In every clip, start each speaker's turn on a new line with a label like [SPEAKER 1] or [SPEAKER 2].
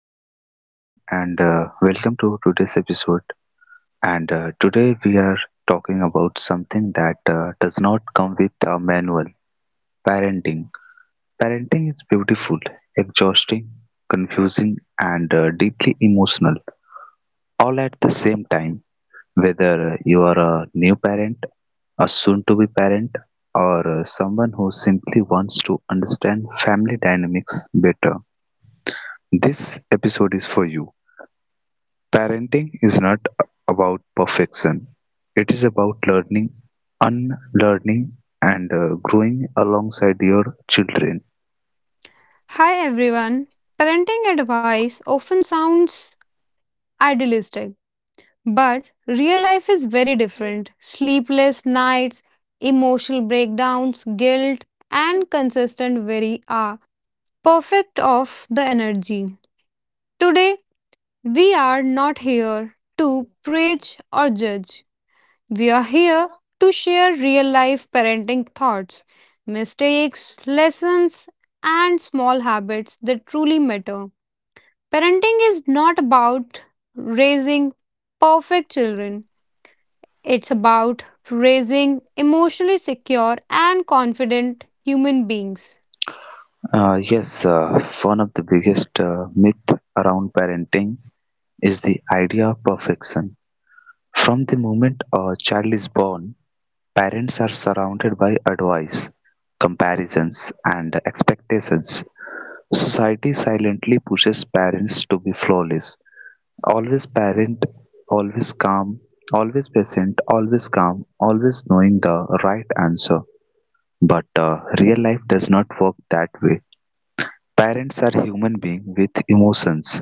[SPEAKER 1] Hello everyone, and welcome to today's episode, and today we are talking about something that does not come with a manual: parenting. Parenting is beautiful, exhausting, confusing, and deeply emotional, all at the same time. Whether you are a new parent, a soon to be parent, or someone who simply wants to understand family dynamics better, this episode is for you. Parenting is not about perfection, it is about learning, unlearning, and growing alongside your children.
[SPEAKER 2] Hi everyone. Parenting advice often sounds idealistic, but real life is very different. Sleepless nights, emotional breakdowns, guilt, and consistent worry are perfect of the energy. Today, we are not here to preach or judge. We are here to share real life parenting thoughts, mistakes, lessons, and small habits that truly matter. Parenting is not about raising perfect children, it's about raising emotionally secure and confident human beings.
[SPEAKER 1] Uh, yes, uh, One of the biggest myth around parenting is the idea of perfection. From the moment a child is born, parents are surrounded by advice, comparisons, and expectations. Society silently pushes parents to be flawless. Always parent, always calm, always patient, always calm, always knowing the right answer. But real life does not work that way. Parents are human beings with emotions,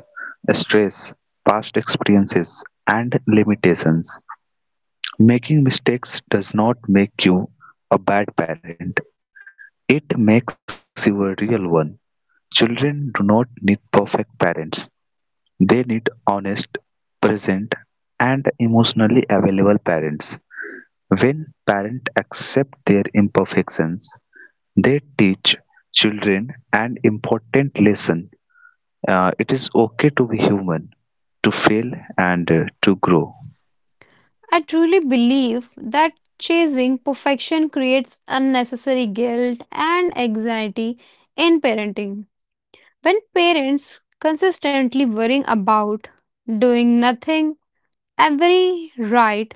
[SPEAKER 1] stress, past experiences, and limitations. Making mistakes does not make you a bad parent, it makes you a real one. Children do not need perfect parents, they need honest, present, and emotionally available parents. When parents accept their imperfections, they teach children an important lesson. It is okay to be human, to fail, and to grow.
[SPEAKER 2] I truly believe that chasing perfection creates unnecessary guilt and anxiety in parenting. When parents consistently worrying about doing nothing every right,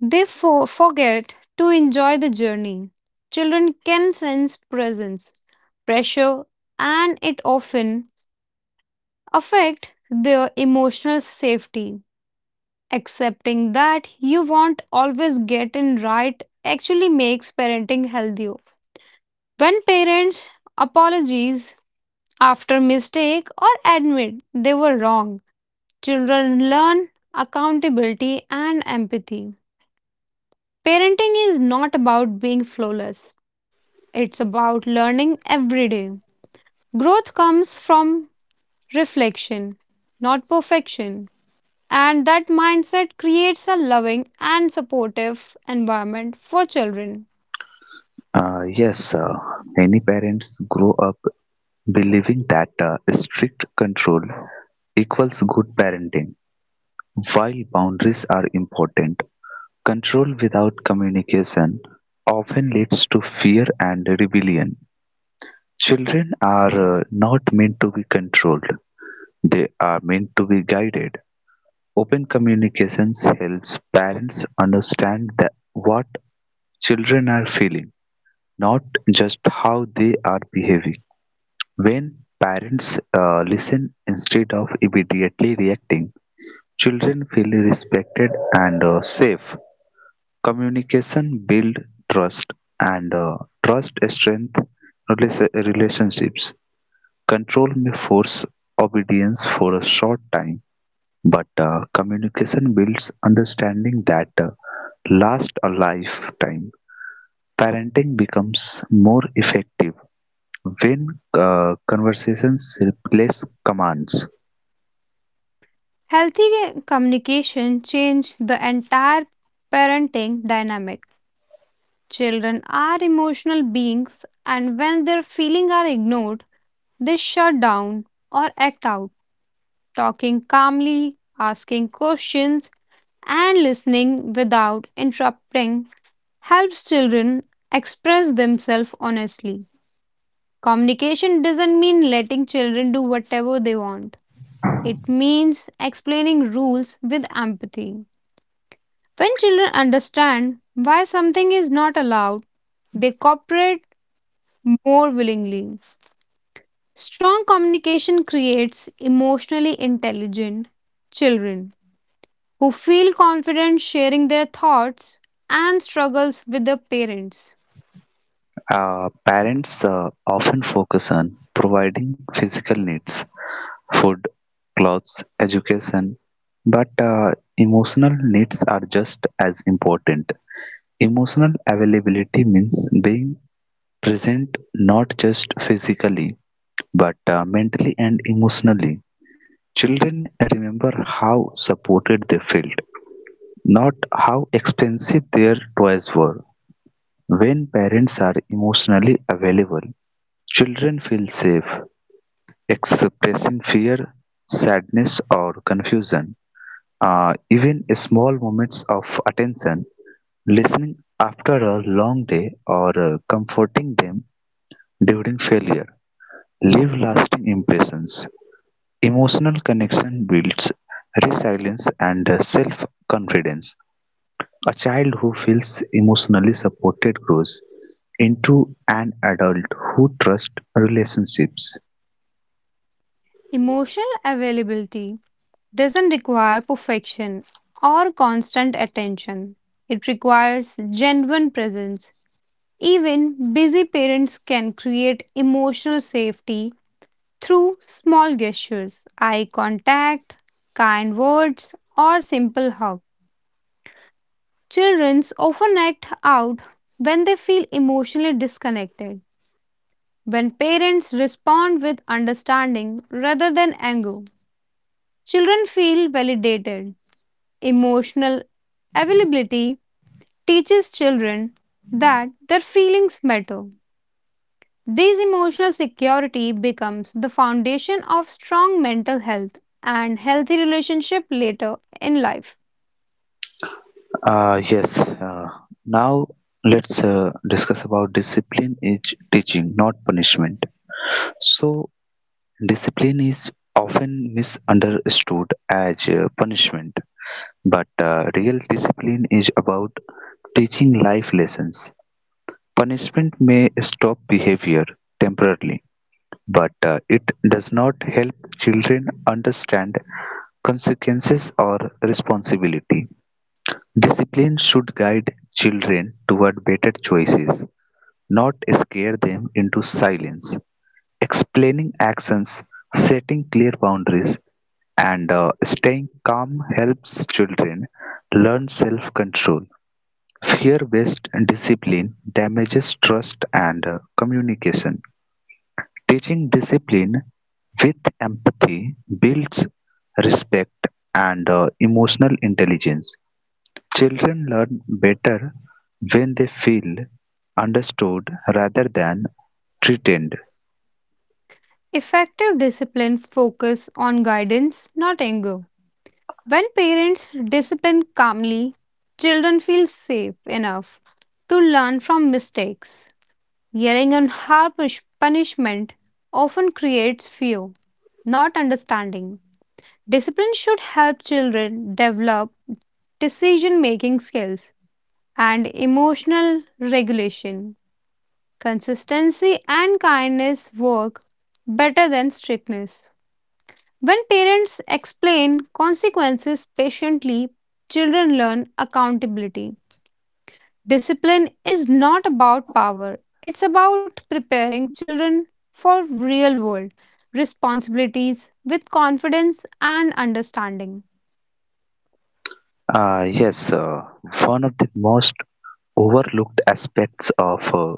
[SPEAKER 2] they forget to enjoy the journey. Children can sense presence, pressure, and it often affect their emotional safety. Accepting that you won't always get in right actually makes parenting healthier. When parents apologize after mistake or admit they were wrong, children learn accountability and empathy. Parenting is not about being flawless. It's about learning every day. Growth comes from reflection, not perfection. And that mindset creates a loving and supportive environment for children.
[SPEAKER 1] Uh, yes, uh, Many parents grow up believing that strict control equals good parenting. While boundaries are important, control without communication often leads to fear and rebellion. Children are not meant to be controlled, they are meant to be guided. Open communications helps parents understand that what children are feeling, not just how they are behaving. When parents listen instead of immediately reacting, children feel respected and safe. Communication builds trust, and trust strengthens relationships. Control may force obedience for a short time, but communication builds understanding that lasts a lifetime. Parenting becomes more effective when conversations replace commands.
[SPEAKER 2] Healthy communication changes the entire parenting dynamic. Children are emotional beings, and when their feelings are ignored, they shut down or act out. Talking calmly, asking questions, and listening without interrupting helps children express themselves honestly. Communication doesn't mean letting children do whatever they want, it means explaining rules with empathy. When children understand why something is not allowed, they cooperate more willingly. Strong communication creates emotionally intelligent children who feel confident sharing their thoughts and struggles with their parents.
[SPEAKER 1] Parents often focus on providing physical needs: food, clothes, education, but emotional needs are just as important. Emotional availability means being present not just physically but mentally and emotionally. Children remember how supported they felt, not how expensive their toys were. When parents are emotionally available, children feel safe expressing fear, sadness, or confusion. Even small moments of attention, listening after a long day, or comforting them during failure, leave lasting impressions. Emotional connection builds resilience and self confidence. A child who feels emotionally supported grows into an adult who trusts relationships.
[SPEAKER 2] Emotional availability doesn't require perfection or constant attention. It requires genuine presence. Even busy parents can create emotional safety through small gestures, eye contact, kind words, or simple hug. Children often act out when they feel emotionally disconnected. When parents respond with understanding rather than anger, children feel validated. Emotional availability teaches children that their feelings matter. This emotional security becomes the foundation of strong mental health and healthy relationship later in life.
[SPEAKER 1] Uh, yes. Uh, now let's discuss about discipline is teaching, not punishment. So discipline is often misunderstood as punishment, but real discipline is about teaching life lessons. Punishment may stop behavior temporarily, but it does not help children understand consequences or responsibility. Discipline should guide children toward better choices, not scare them into silence. Explaining actions, setting clear boundaries, and staying calm helps children learn self control. Fear based discipline damages trust and communication. Teaching discipline with empathy builds respect and emotional intelligence. Children learn better when they feel understood rather than threatened.
[SPEAKER 2] Effective discipline focuses on guidance, not anger. When parents discipline calmly, children feel safe enough to learn from mistakes. Yelling and harsh punishment often creates fear, not understanding. Discipline should help children develop decision making skills and emotional regulation. Consistency and kindness work better than strictness. When parents explain consequences patiently, children learn accountability. Discipline is not about power, it's about preparing children for real world responsibilities with confidence and understanding.
[SPEAKER 1] Uh, yes, uh, One of the most overlooked aspects of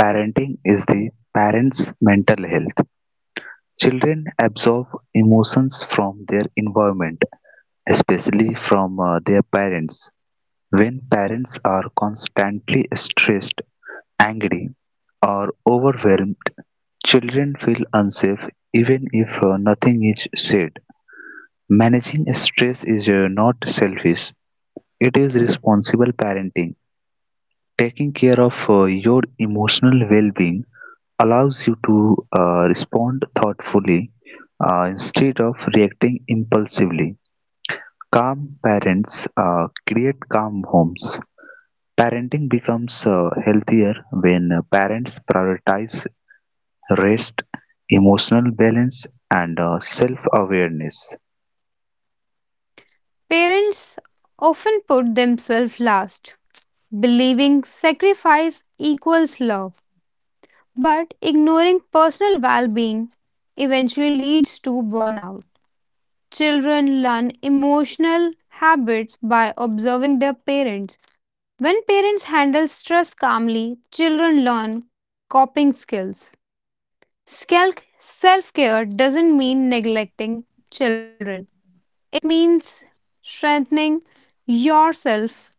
[SPEAKER 1] parenting is the parents' mental health. Children absorb emotions from their environment, especially from their parents. When parents are constantly stressed, angry, or overwhelmed, children feel unsafe even if nothing is said. Managing stress is not selfish, it is responsible parenting. Taking care of your emotional well being allows you to respond thoughtfully instead of reacting impulsively. Calm parents create calm homes. Parenting becomes healthier when parents prioritize rest, emotional balance, and self-awareness.
[SPEAKER 2] Parents often put themselves last, believing sacrifice equals love, but ignoring personal well being eventually leads to burnout. Children learn emotional habits by observing their parents. When parents handle stress calmly, children learn coping skills. Self care doesn't mean neglecting children, it means strengthening yourself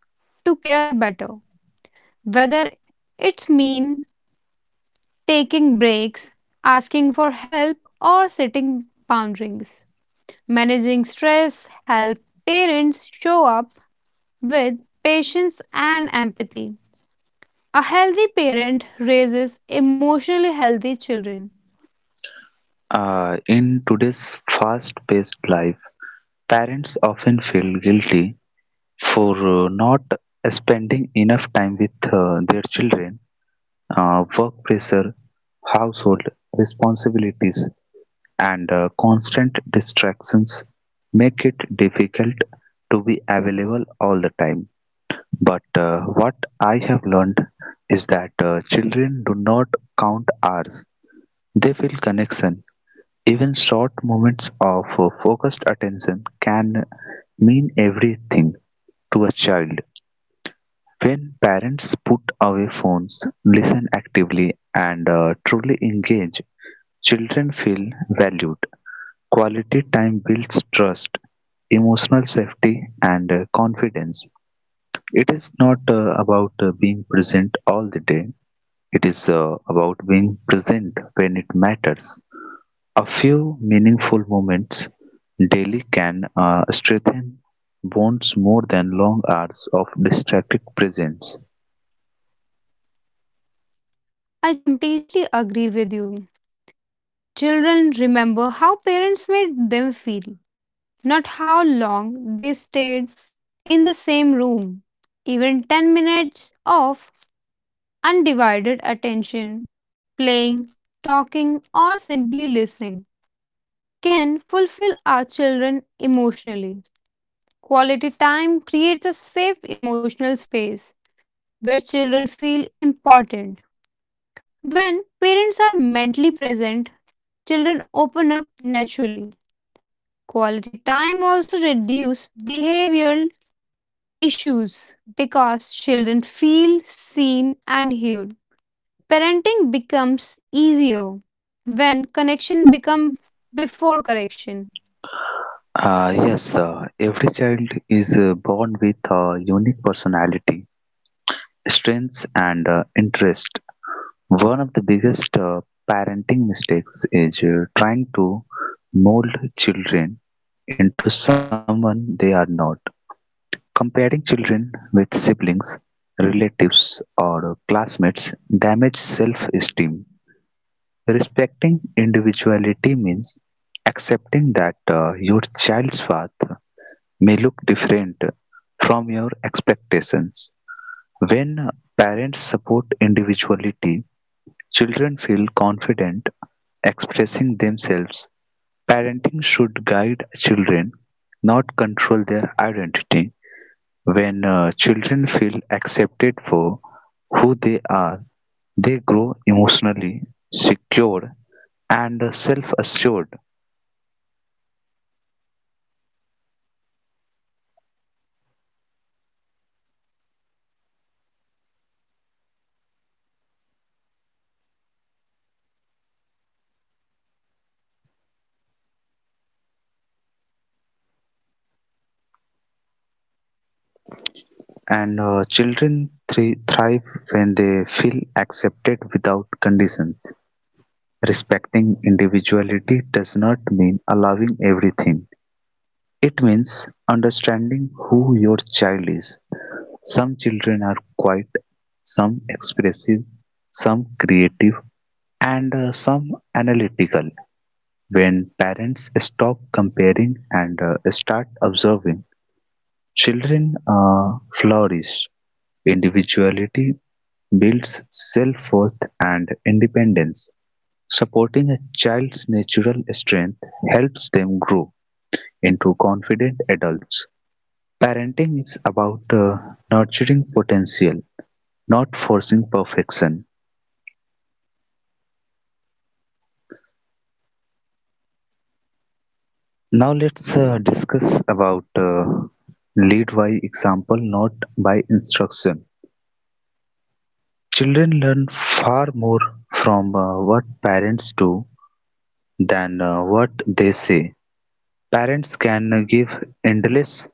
[SPEAKER 2] to care better. Whether it's mean taking breaks, asking for help, or setting boundaries. Managing stress helps parents show up with patience and empathy. A healthy parent raises emotionally healthy children.
[SPEAKER 1] In today's fast-paced life, parents often feel guilty for not spending enough time with their children. Work pressure, household responsibilities, and constant distractions make it difficult to be available all the time. But what I have learned is that children do not count hours, they feel connection. Even short moments of focused attention can mean everything to a child. When parents put away phones, listen actively, and truly engage, children feel valued. Quality time builds trust, emotional safety, and confidence. It is not about being present all the day. It is about being present when it matters. A few meaningful moments daily can strengthen bonds more than long hours of distracted presence.
[SPEAKER 2] I completely agree with you. Children remember how parents made them feel, not how long they stayed in the same room. Even 10 minutes of undivided attention, playing, talking, or simply listening can fulfill our children emotionally. Quality time creates a safe emotional space where children feel important. When parents are mentally present, children open up naturally. Quality time also reduces behavioral issues because children feel seen and heard. Parenting becomes easier when connection becomes before correction.
[SPEAKER 1] Yes, every child is born with a unique personality, strengths, and interest. One of the biggest parenting mistakes is trying to mold children into someone they are not. Comparing children with siblings, relatives, or classmates damage self esteem. Respecting individuality means accepting that your child's path may look different from your expectations. When parents support individuality, children feel confident expressing themselves. Parenting should guide children, not control their identity. When children feel accepted for who they are, they grow emotionally secure and self assured. And children thrive when they feel accepted without conditions. Respecting individuality does not mean allowing everything. It means understanding who your child is. Some children are quiet, some expressive, some creative, and some analytical. When parents stop comparing and start observing, children flourish. Individuality builds self worth and independence. Supporting a child's natural strength helps them grow into confident adults. Parenting is about nurturing potential, not forcing perfection. Now let's discuss about lead by example, not by instruction. Children learn far more from what parents do than what they say. Parents can give endless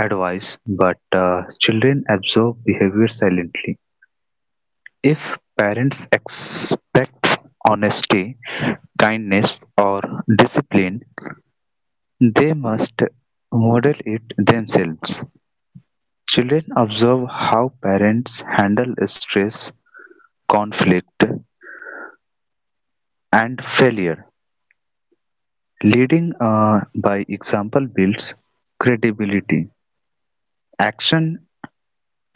[SPEAKER 1] advice, but children absorb behavior silently. If parents expect honesty, kindness, or discipline, they must model it themselves. Children observe how parents handle stress, conflict, and failure. Leading by example builds credibility. Action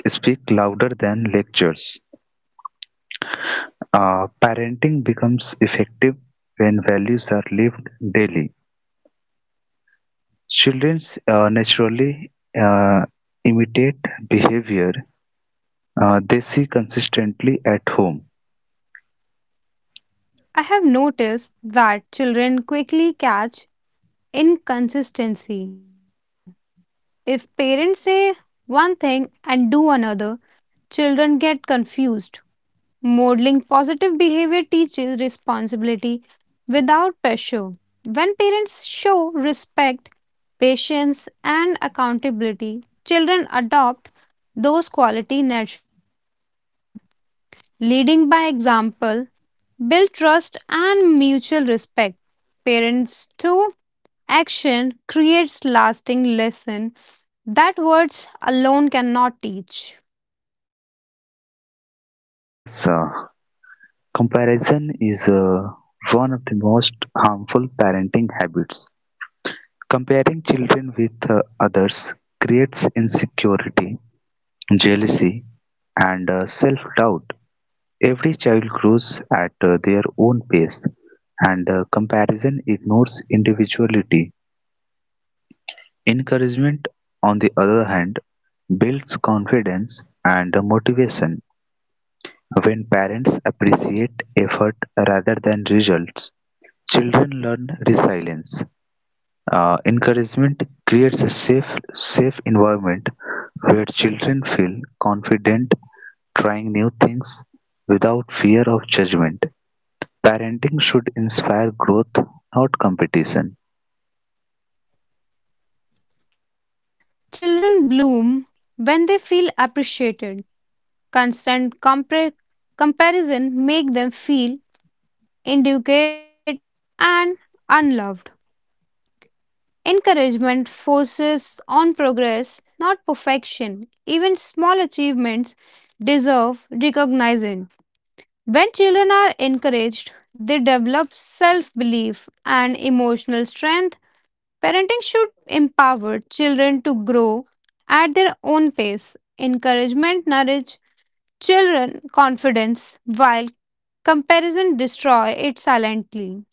[SPEAKER 1] speak louder than lectures. Parenting becomes effective when values are lived daily. Children naturally uh, imitate behavior they see consistently at home.
[SPEAKER 2] I have noticed that children quickly catch inconsistency. If parents say one thing and do another, children get confused. Modeling positive behavior teaches responsibility without pressure. When parents show respect, patience, and accountability, children adopt those qualities naturally. Leading by example, build trust and mutual respect. Parents through action creates lasting lesson that words alone cannot teach.
[SPEAKER 1] Uh, yes, uh, Comparison is one of the most harmful parenting habits. Comparing children with others creates insecurity, jealousy, and self doubt. Every child grows at their own pace, and comparison ignores individuality. Encouragement, on the other hand, builds confidence and motivation. When parents appreciate effort rather than results, children learn resilience. Encouragement creates a safe environment where children feel confident trying new things without fear of judgment. Parenting should inspire growth, not competition.
[SPEAKER 2] Children bloom when they feel appreciated. Constant compar- comparison make them feel inadequate unloved. Encouragement focuses on progress, not perfection. Even small achievements deserve recognition. When children are encouraged, they develop self belief and emotional strength. Parenting should empower children to grow at their own pace. Encouragement nourish children confidence while comparison destroy it silently.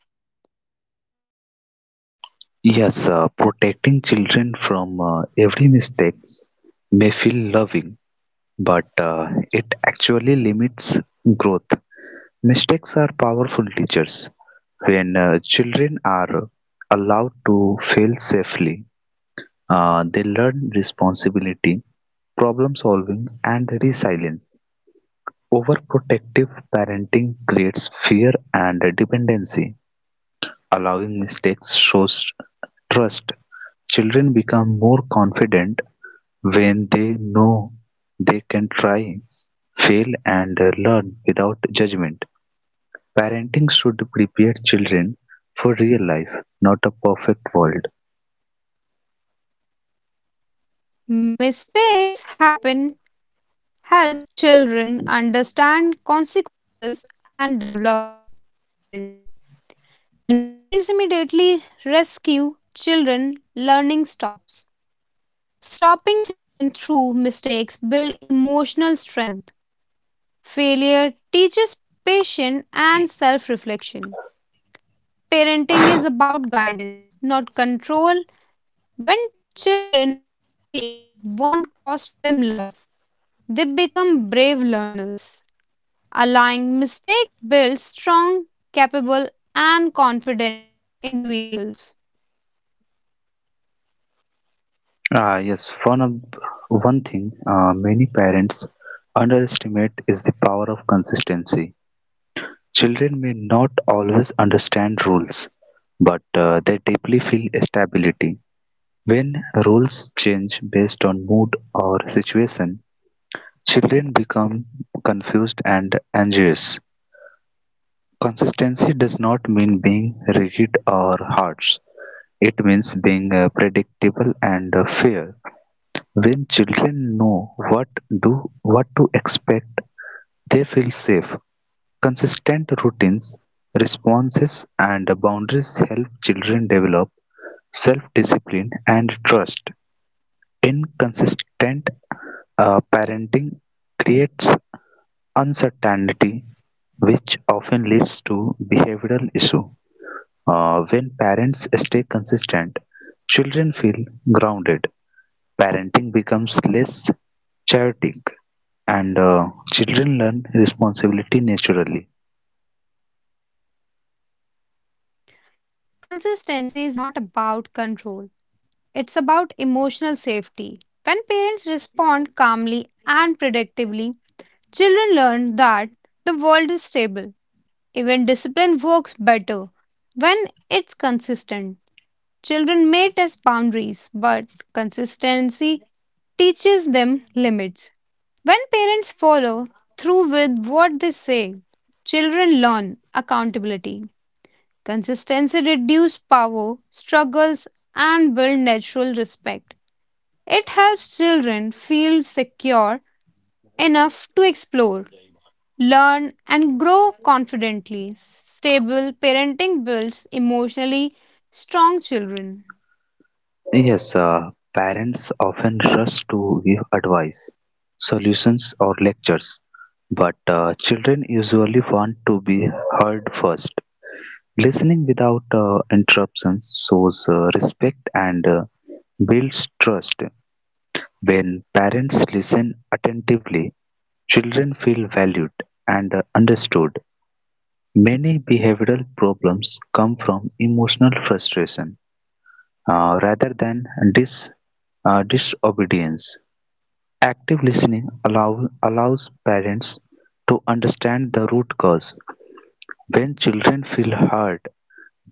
[SPEAKER 1] Yes, protecting children from every mistakes may feel loving, but it actually limits growth. Mistakes are powerful teachers. When children are allowed to fail safely, they learn responsibility, problem solving, and resilience. Overprotective parenting creates fear and dependency. Allowing mistakes shows trust. Children become more confident when they know they can try, fail, and learn without judgment. Parenting should prepare children for real life, not a perfect world.
[SPEAKER 2] Mistakes happen help children understand consequences and develop independence. When parents immediately rescue children, learning stops. Stopping children through mistakes build emotional strength. Failure teaches patience and self reflection. Parenting is about guidance, not control. When children know mistakes won't cost them love, they become brave learners. Allowing mistakes builds strong, capable, and confident individuals.
[SPEAKER 1] Ah, yes, one thing many parents underestimate is the power of consistency. Children may not always understand rules, but they deeply feel stability. When roles change based on mood or situation, children become confused and anxious. Consistency does not mean being rigid or harsh. It means being predictable and fair. When children know what to expect, they feel safe. Consistent routines, responses, and boundaries help children develop self-discipline and trust. Inconsistent parenting creates uncertainty, which often leads to behavioral issues. When parents stay consistent, children feel grounded. Parenting becomes less chaotic, and children learn responsibility naturally.
[SPEAKER 2] Consistency is not about control, it's about emotional safety. When parents respond calmly and predictably, children learn that the world is stable. Even discipline works better when it's consistent. Children may test boundaries, but consistency teaches them limits. When parents follow through with what they say, children learn accountability. Consistency reduces power, struggles, and build natural respect. It helps children feel secure enough to explore learn, and grow confidently. Stable parenting builds emotionally strong children.
[SPEAKER 1] Yes, parents often rush to give advice, solutions, or lectures, but children usually want to be heard first. Listening without interruptions shows respect and builds trust. When parents listen attentively, children feel valued and understood. Many behavioral problems come from emotional frustration rather than dis, disobedience. Active allows parents to understand the root cause. When children feel heard,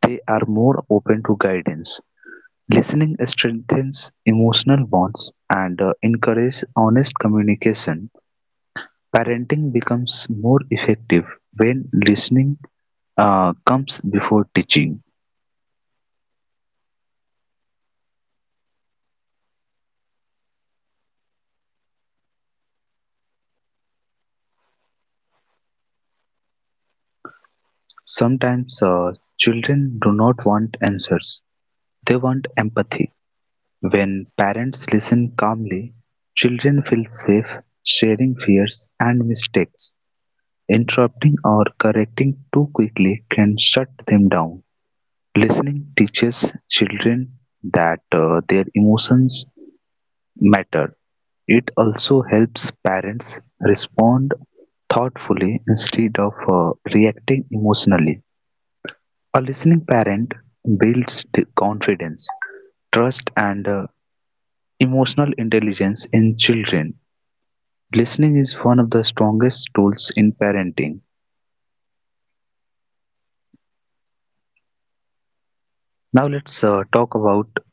[SPEAKER 1] they are more open to guidance. Listening strengthens emotional bonds and encourages honest communication. Parenting becomes more effective when listening comes before teaching.
[SPEAKER 2] Sometimes children doesn't want answers. They want empathy. When parents listen calmly, children feel safe, sharing fears and mistakes.
[SPEAKER 1] Sometimes children do
[SPEAKER 2] Interrupting
[SPEAKER 1] not want answers, they want empathy. When parents listen calmly, children feel safe sharing fears and mistakes. Interrupting or correcting too quickly can shut them down. Listening teaches children that their emotions matter. It also helps parents respond thoughtfully instead of reacting emotionally. A listening parent builds the confidence, trust, and emotional intelligence in children. Listening is one of the strongest tools in parenting. Now let's talk about
[SPEAKER 2] na-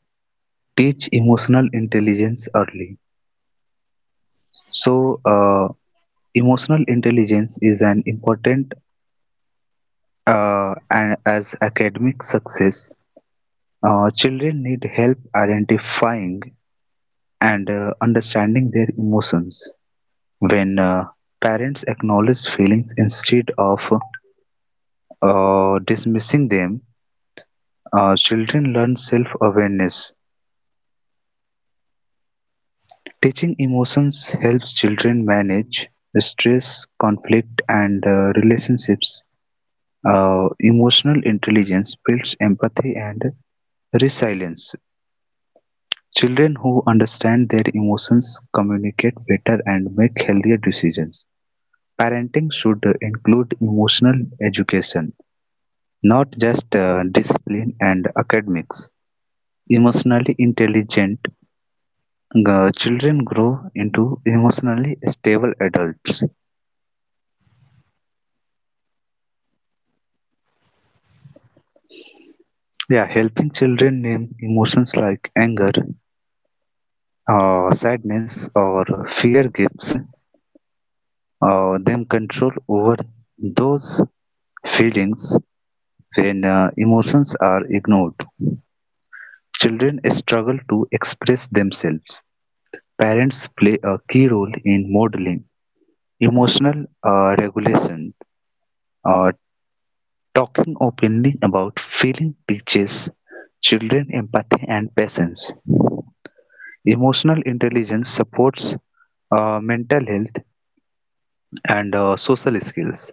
[SPEAKER 1] teach emotional intelligence early. So emotional intelligence is an important and as academic success. Children need help identifying and understanding their emotions. When parents acknowledge feelings instead of dismissing them, children learn self-awareness. Teaching emotions helps children manage stress, conflict, and relationships. Emotional intelligence builds empathy and resilience. Children who understand their emotions communicate better and make healthier decisions. Parenting should include emotional education, not just discipline and academics. Emotionally intelligent children grow into emotionally stable adults. Yeah, helping children name emotions like anger, sadness, or fear gives them control over those feelings when emotions are ignored. Children struggle to express themselves. Parents play a key role in modeling emotional regulation. Uh, talking openly about feeling teaches children empathy and patience. Emotional intelligence supports mental health, and social skills.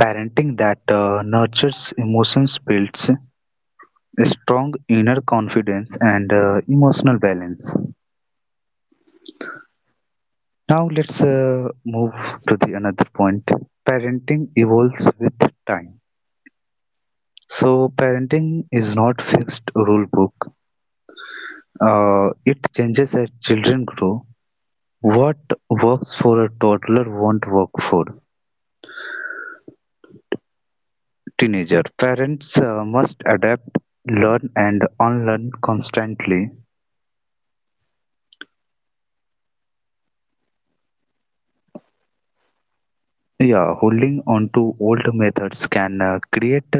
[SPEAKER 1] Parenting that nurtures emotions builds strong inner confidence and emotional balance. Now let's move to the another point. Parenting evolves with time. So parenting is not fixed rule book. It changes as children grow. What works for a toddler won't work for teenager. Parents must adapt, learn and unlearn constantly. Yeah, holding on to old methods can create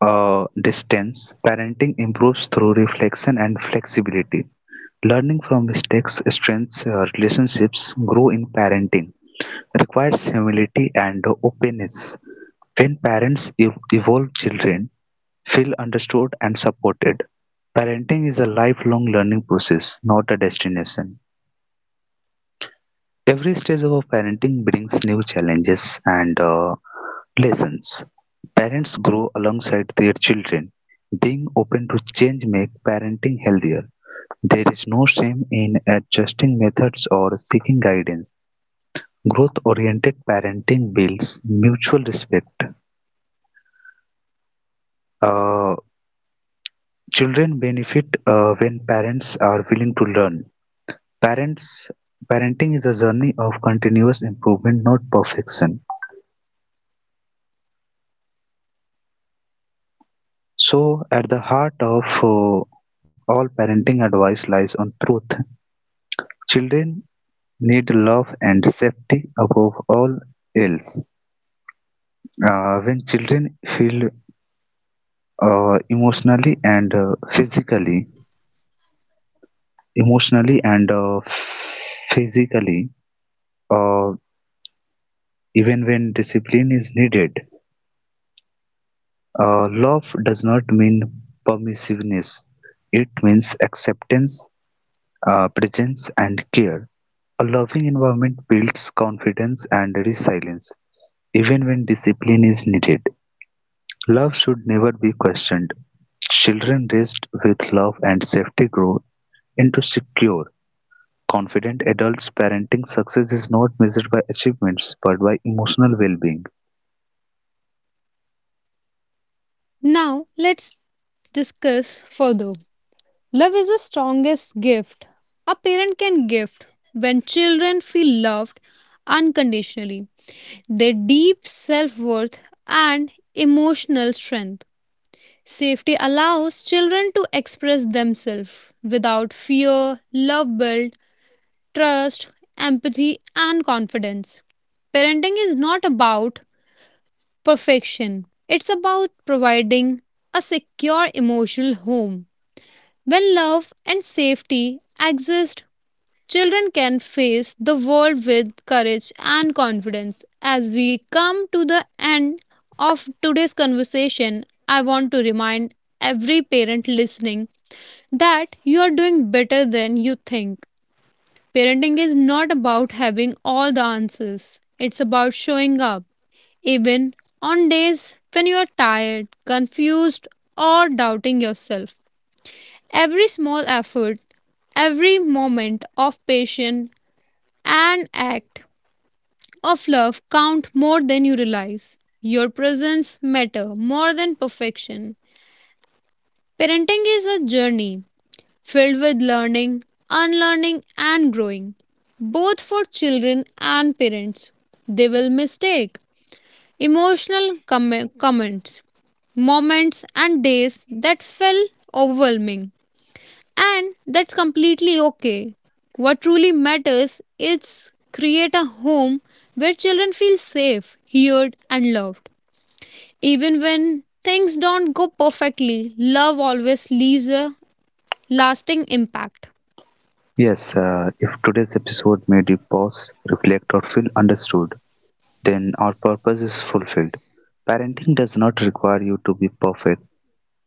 [SPEAKER 1] a distance. Parenting improves through reflection and flexibility. Learning from mistakes strengthens relationships, grow in parenting, requires humility and openness. When parents evolve, children feel understood and supported. Parenting is a lifelong learning process, not a destination. Every stage of our parenting brings new challenges and lessons. Parents grow alongside their children. Being open to change make parenting healthier. There is no shame in adjusting methods or seeking guidance. Growth-oriented parenting builds mutual respect. Uh, children benefit when parents are willing to learn. Parents Parenting is a journey of continuous improvement, not perfection. So, at the heart of all parenting advice lies on truth. Children need love and safety above all else. When children feel uh, emotionally and uh, physically, emotionally and physically, uh, even when discipline is needed, love does not mean permissiveness. It means acceptance, presence, and care. A loving environment builds confidence and resilience, even when discipline is needed. Love should never be questioned. Children raised with love and safety grow into secure, confident adults. Parenting success is not measured by achievements but by emotional well being.
[SPEAKER 2] Now let's discuss further. Love is the strongest gift a parent can give. When children feel loved unconditionally, their deep self worth and emotional strength. Safety allows children to express themselves without fear, love builds trust, empathy, and confidence. Parenting is not about perfection, it's about providing a secure emotional home. When love and safety exist, children can face the world with courage and confidence. As we come to the end of today's conversation, I want to remind every parent listening that you are doing better than you think. Parenting is not about having all the answers, it's about showing up, even on days when you are tired, confused, or doubting yourself. Every small effort, every moment of patience and act of love count more than you realize. Your presence matter more than perfection. Parenting is a journey filled with learning, unlearning and growing, both for children and parents. They will mistake emotional comments, moments and days that felt overwhelming. And that's completely okay. What truly matters is create a home where children feel safe, heard and loved. Even when things don't go perfectly, love always leaves a lasting impact.
[SPEAKER 1] Yes, if today's episode made you pause, reflect, or feel understood, then our purpose is fulfilled. Parenting does not require you to be perfect.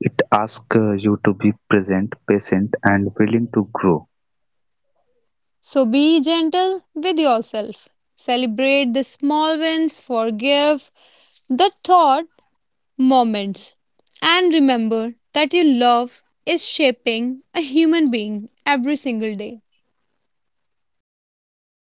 [SPEAKER 1] It asks you to be present, patient, and willing to grow.
[SPEAKER 2] So be gentle with yourself. Celebrate the small wins, forgive the thought moments, and remember that your love is shaping a human being every single day.